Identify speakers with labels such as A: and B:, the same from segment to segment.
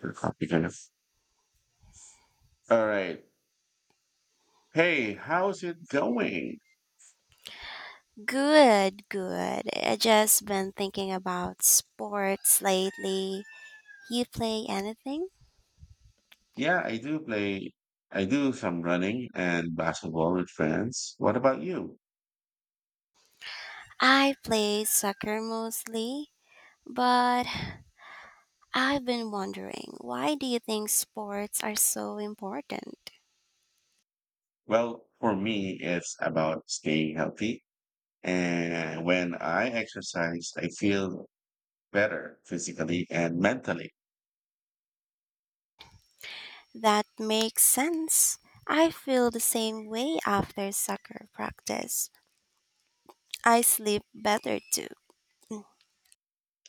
A: Your Copy kind of. All right. Hey, how's it going?
B: Good, good. I just been thinking about sports lately. You play anything?
A: Yeah, I do play. I do some running and basketball with friends. What about you?
B: I play soccer mostly, but I've been wondering, why do you think sports are so important?
A: Well, for me, it's about staying healthy. And when I exercise, I feel better physically and mentally.
B: That makes sense. I feel the same way after soccer practice. I sleep better too.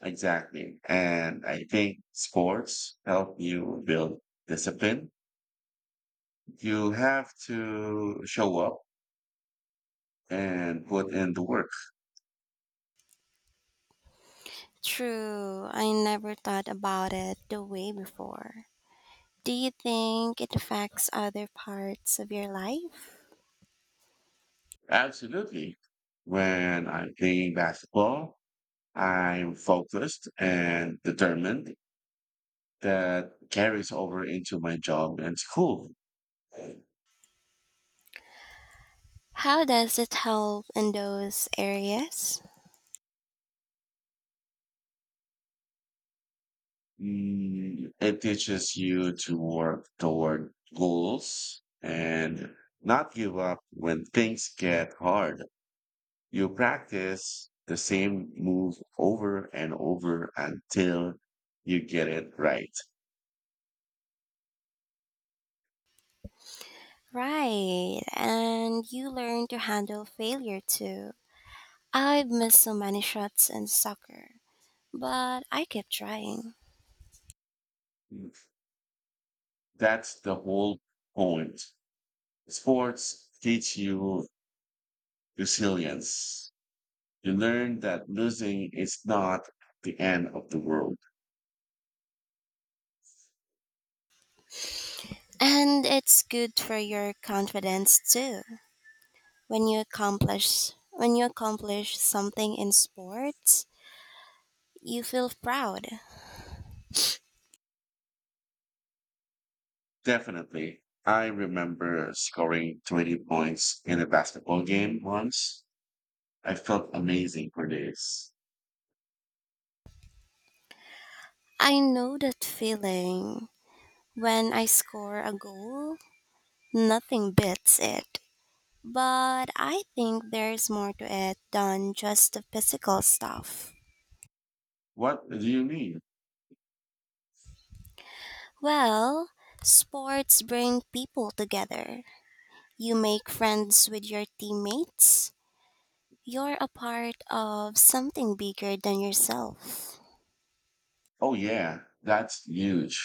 A: Exactly. And I think sports help you build discipline. You have to show up and put in the work.
B: True, I never thought about it the way before. Do you think it affects other parts of your life?
A: Absolutely. When I'm playing basketball, I'm focused and determined that carries over into my job and school.
B: How does it help in those areas?
A: It teaches you to work toward goals and not give up when things get hard. You practice the same move over and over until you get it right.
B: Right, and you learn to handle failure too. I've missed so many shots in soccer, but I kept trying.
A: That's the whole point. Sports teach you resilience. You learn that losing is not the end of the world.
B: And it's good for your confidence too. When you accomplish something in sports, you feel proud.
A: Definitely. I remember scoring 20 points in a basketball game once. I felt amazing for days.
B: I know that feeling. When I score a goal, nothing beats it. But I think there's more to it than just the physical stuff.
A: What do you mean?
B: Well, sports bring people together. You make friends with your teammates. You're a part of something bigger than yourself.
A: Oh, yeah, that's huge.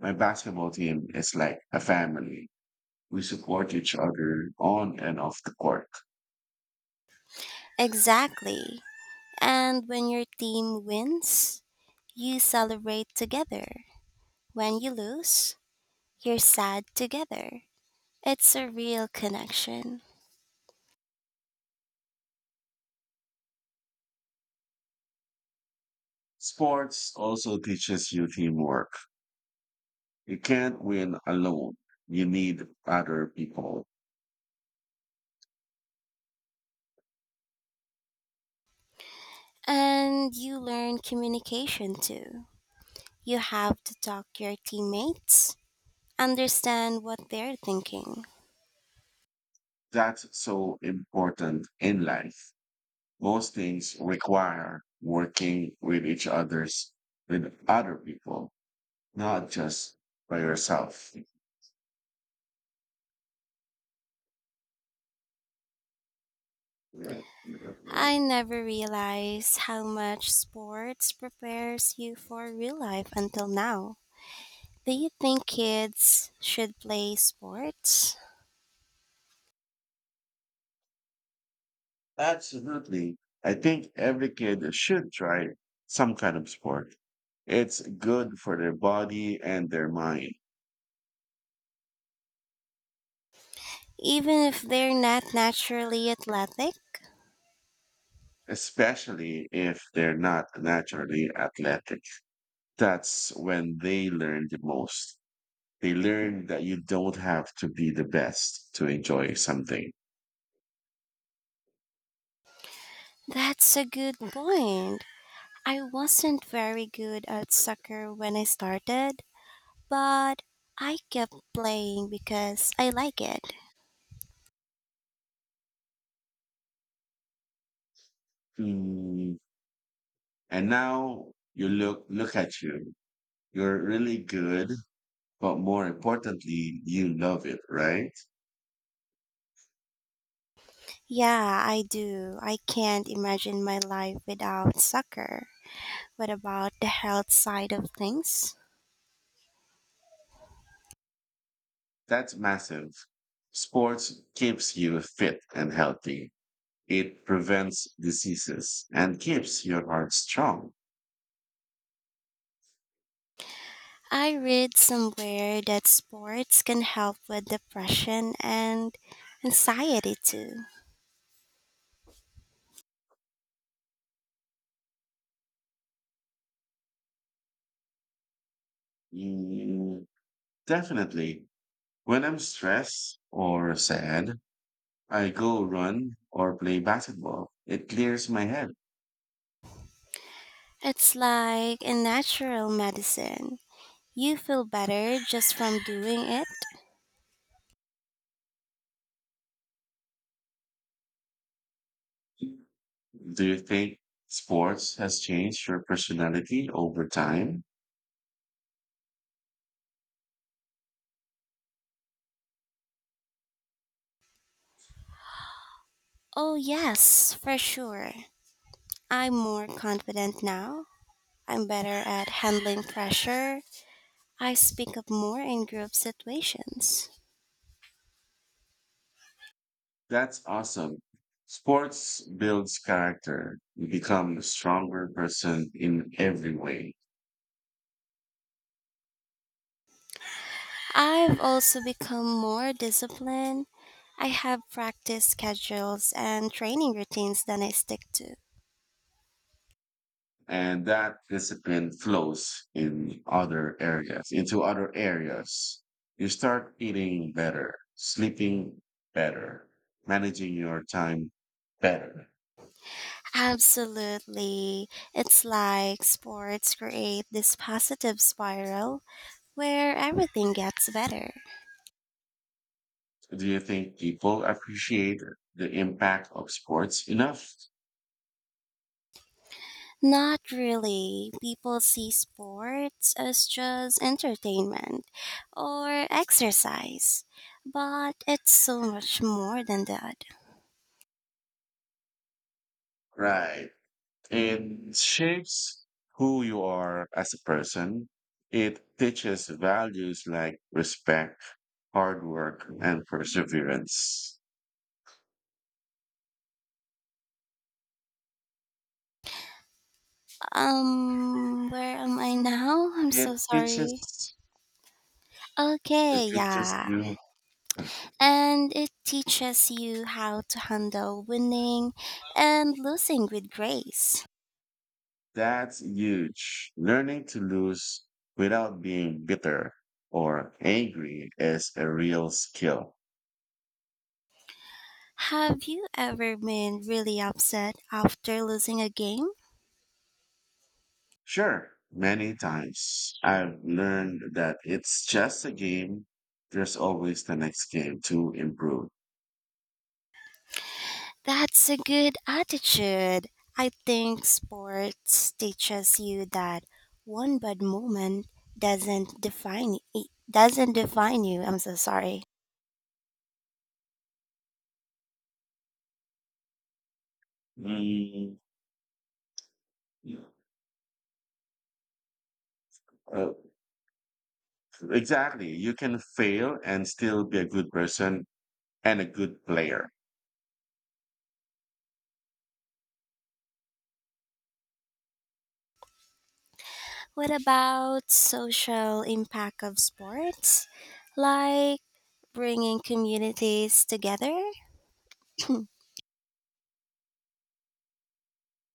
A: My basketball team is like a family. We support each other on and off the court.
B: Exactly. And when your team wins, you celebrate together. When you lose, you're sad together. It's a real connection.
A: Sports also teaches you teamwork. You can't win alone. You need other people.
B: And you learn communication too. You have to talk to your teammates, understand what they're thinking.
A: That's so important in life. Most things require working with each others, with other people, not just by yourself.
B: I never realized how much sports prepares you for real life until now. Do you think kids should play sports?
A: Absolutely. I think every kid should try some kind of sport. It's good for their body and their mind,
B: Even if they're not naturally athletic?
A: especially if they're not naturally athletic. That's when they learn the most. They learn that you don't have to be the best to enjoy something.
B: That's a good point. I wasn't very good at soccer when I started, but I kept playing because I like it.
A: Mm. And now you look at you. You're really good, but more importantly, you love it, right?
B: Yeah, I do. I can't imagine my life without soccer. What about the health side of things?
A: That's massive. Sports keeps you fit and healthy. It prevents diseases and keeps your heart strong.
B: I read somewhere that sports can help with depression and anxiety too.
A: Mm, definitely. When I'm stressed or sad, I go run or play basketball. It clears my head.
B: It's like a natural medicine. You feel better just from doing it?
A: Do you think sports has changed your personality over time?
B: Oh, yes, for sure. I'm more confident now. I'm better at handling pressure. I speak up more in group situations.
A: That's awesome. Sports builds character. You become a stronger person in every way.
B: I've also become more disciplined. I have practice schedules and training routines that I stick to.
A: And that discipline flows in other areas, into other areas. You start eating better, sleeping better, managing your time better.
B: Absolutely. It's like sports create this positive spiral where everything gets better.
A: Do you think people appreciate the impact of sports enough?
B: Not really. People see sports as just entertainment or exercise, but it's so much more than that.
A: Right. It shapes who you are as a person. It teaches values like respect, hard work and perseverance.
B: Where am I now? I'm so
A: it
B: sorry.
A: teaches It
B: Okay,
A: teaches
B: yeah.
A: you
B: And it teaches you how to handle winning and losing with grace.
A: that's huge. Learning to lose without being bitter or angry is a real skill.
B: Have you ever been really upset after losing a game?
A: Sure, many times I've learned that it's just a game. There's always the next game to improve.
B: That's a good attitude. I think sports teaches you that one bad moment doesn't define you. I'm so sorry.
A: Mm, uh, exactly. You can fail and still be a good person and a good player.
B: What about social impact of sports? Like bringing communities together?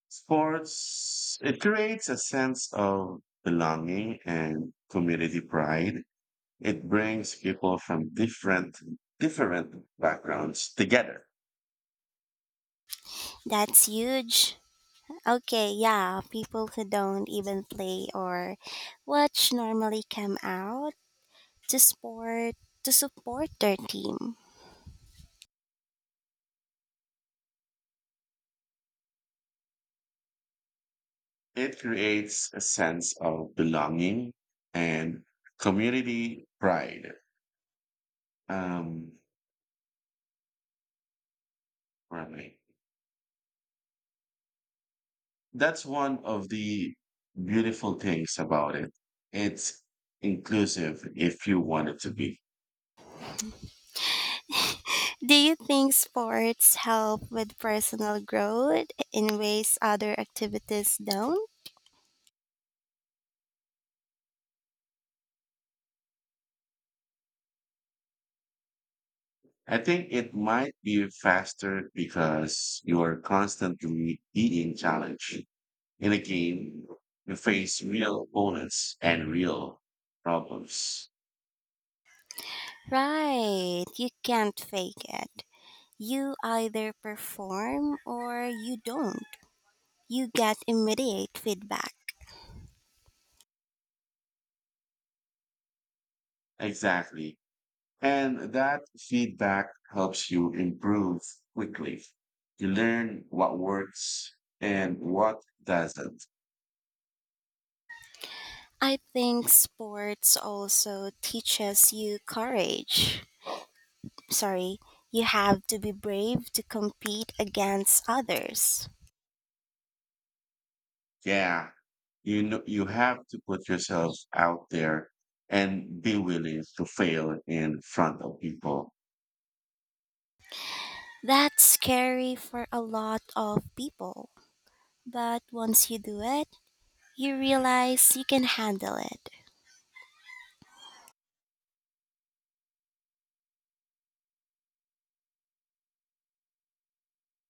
A: Sports, it creates a sense of belonging and community pride. It brings people from different backgrounds together.
B: That's huge. Okay, yeah, people who don't even play or watch normally come out to sport to support their team.
A: It creates a sense of belonging and community pride. Um, right. That's one of the beautiful things about it. It's inclusive if you want it to be.
B: Do you think sports help with personal growth in ways other activities don't?
A: I think it might be faster because you're constantly being challenged. In a game, you face real opponents and real problems.
B: Right, you can't fake it. You either perform or you don't. You get immediate feedback.
A: Exactly. And that feedback helps you improve quickly. You learn what works and what doesn't.
B: I think sports also teaches you courage. Sorry, you have to be brave to compete against others.
A: Yeah. You know, you have to put yourself out there and be willing to fail in front of people.
B: That's scary for a lot of people, but once you do it, you realize you can handle it.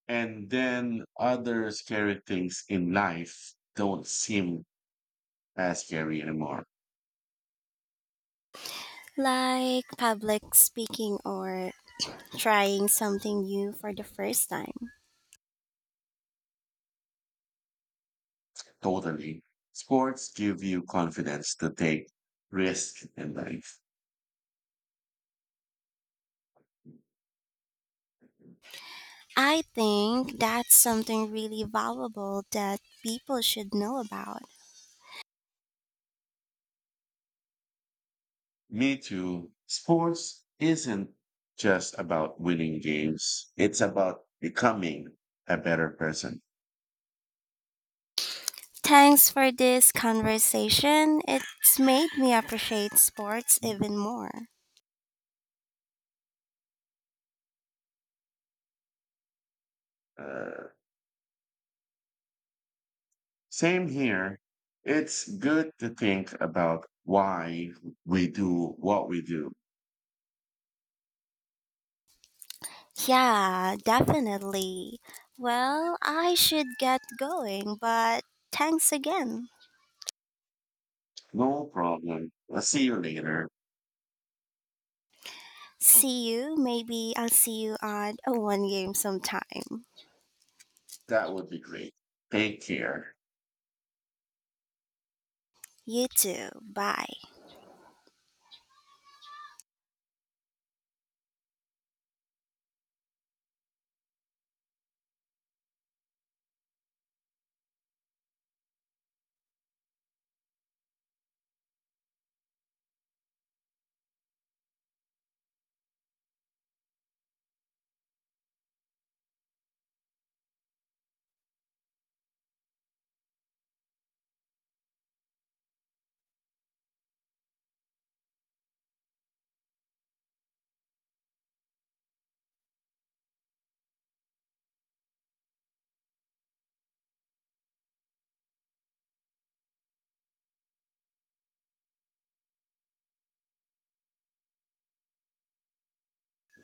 A: And then other scary things in life don't seem as scary anymore.
B: Like public speaking or trying something new for the first time.
A: Totally. Sports give you confidence to take risk in life.
B: I think that's something really valuable that people should know about.
A: Me too. Sports isn't just about winning games. It's about becoming a better person.
B: Thanks for this conversation. It's made me appreciate sports even more.
A: Uh, Same here. It's good to think about why we do what we do.
B: Yeah, definitely. Well, I should get going, but thanks again.
A: No problem. I'll see you later.
B: See you. Maybe I'll see you on a one game sometime.
A: That would be great. Thank you.
B: You too. Bye.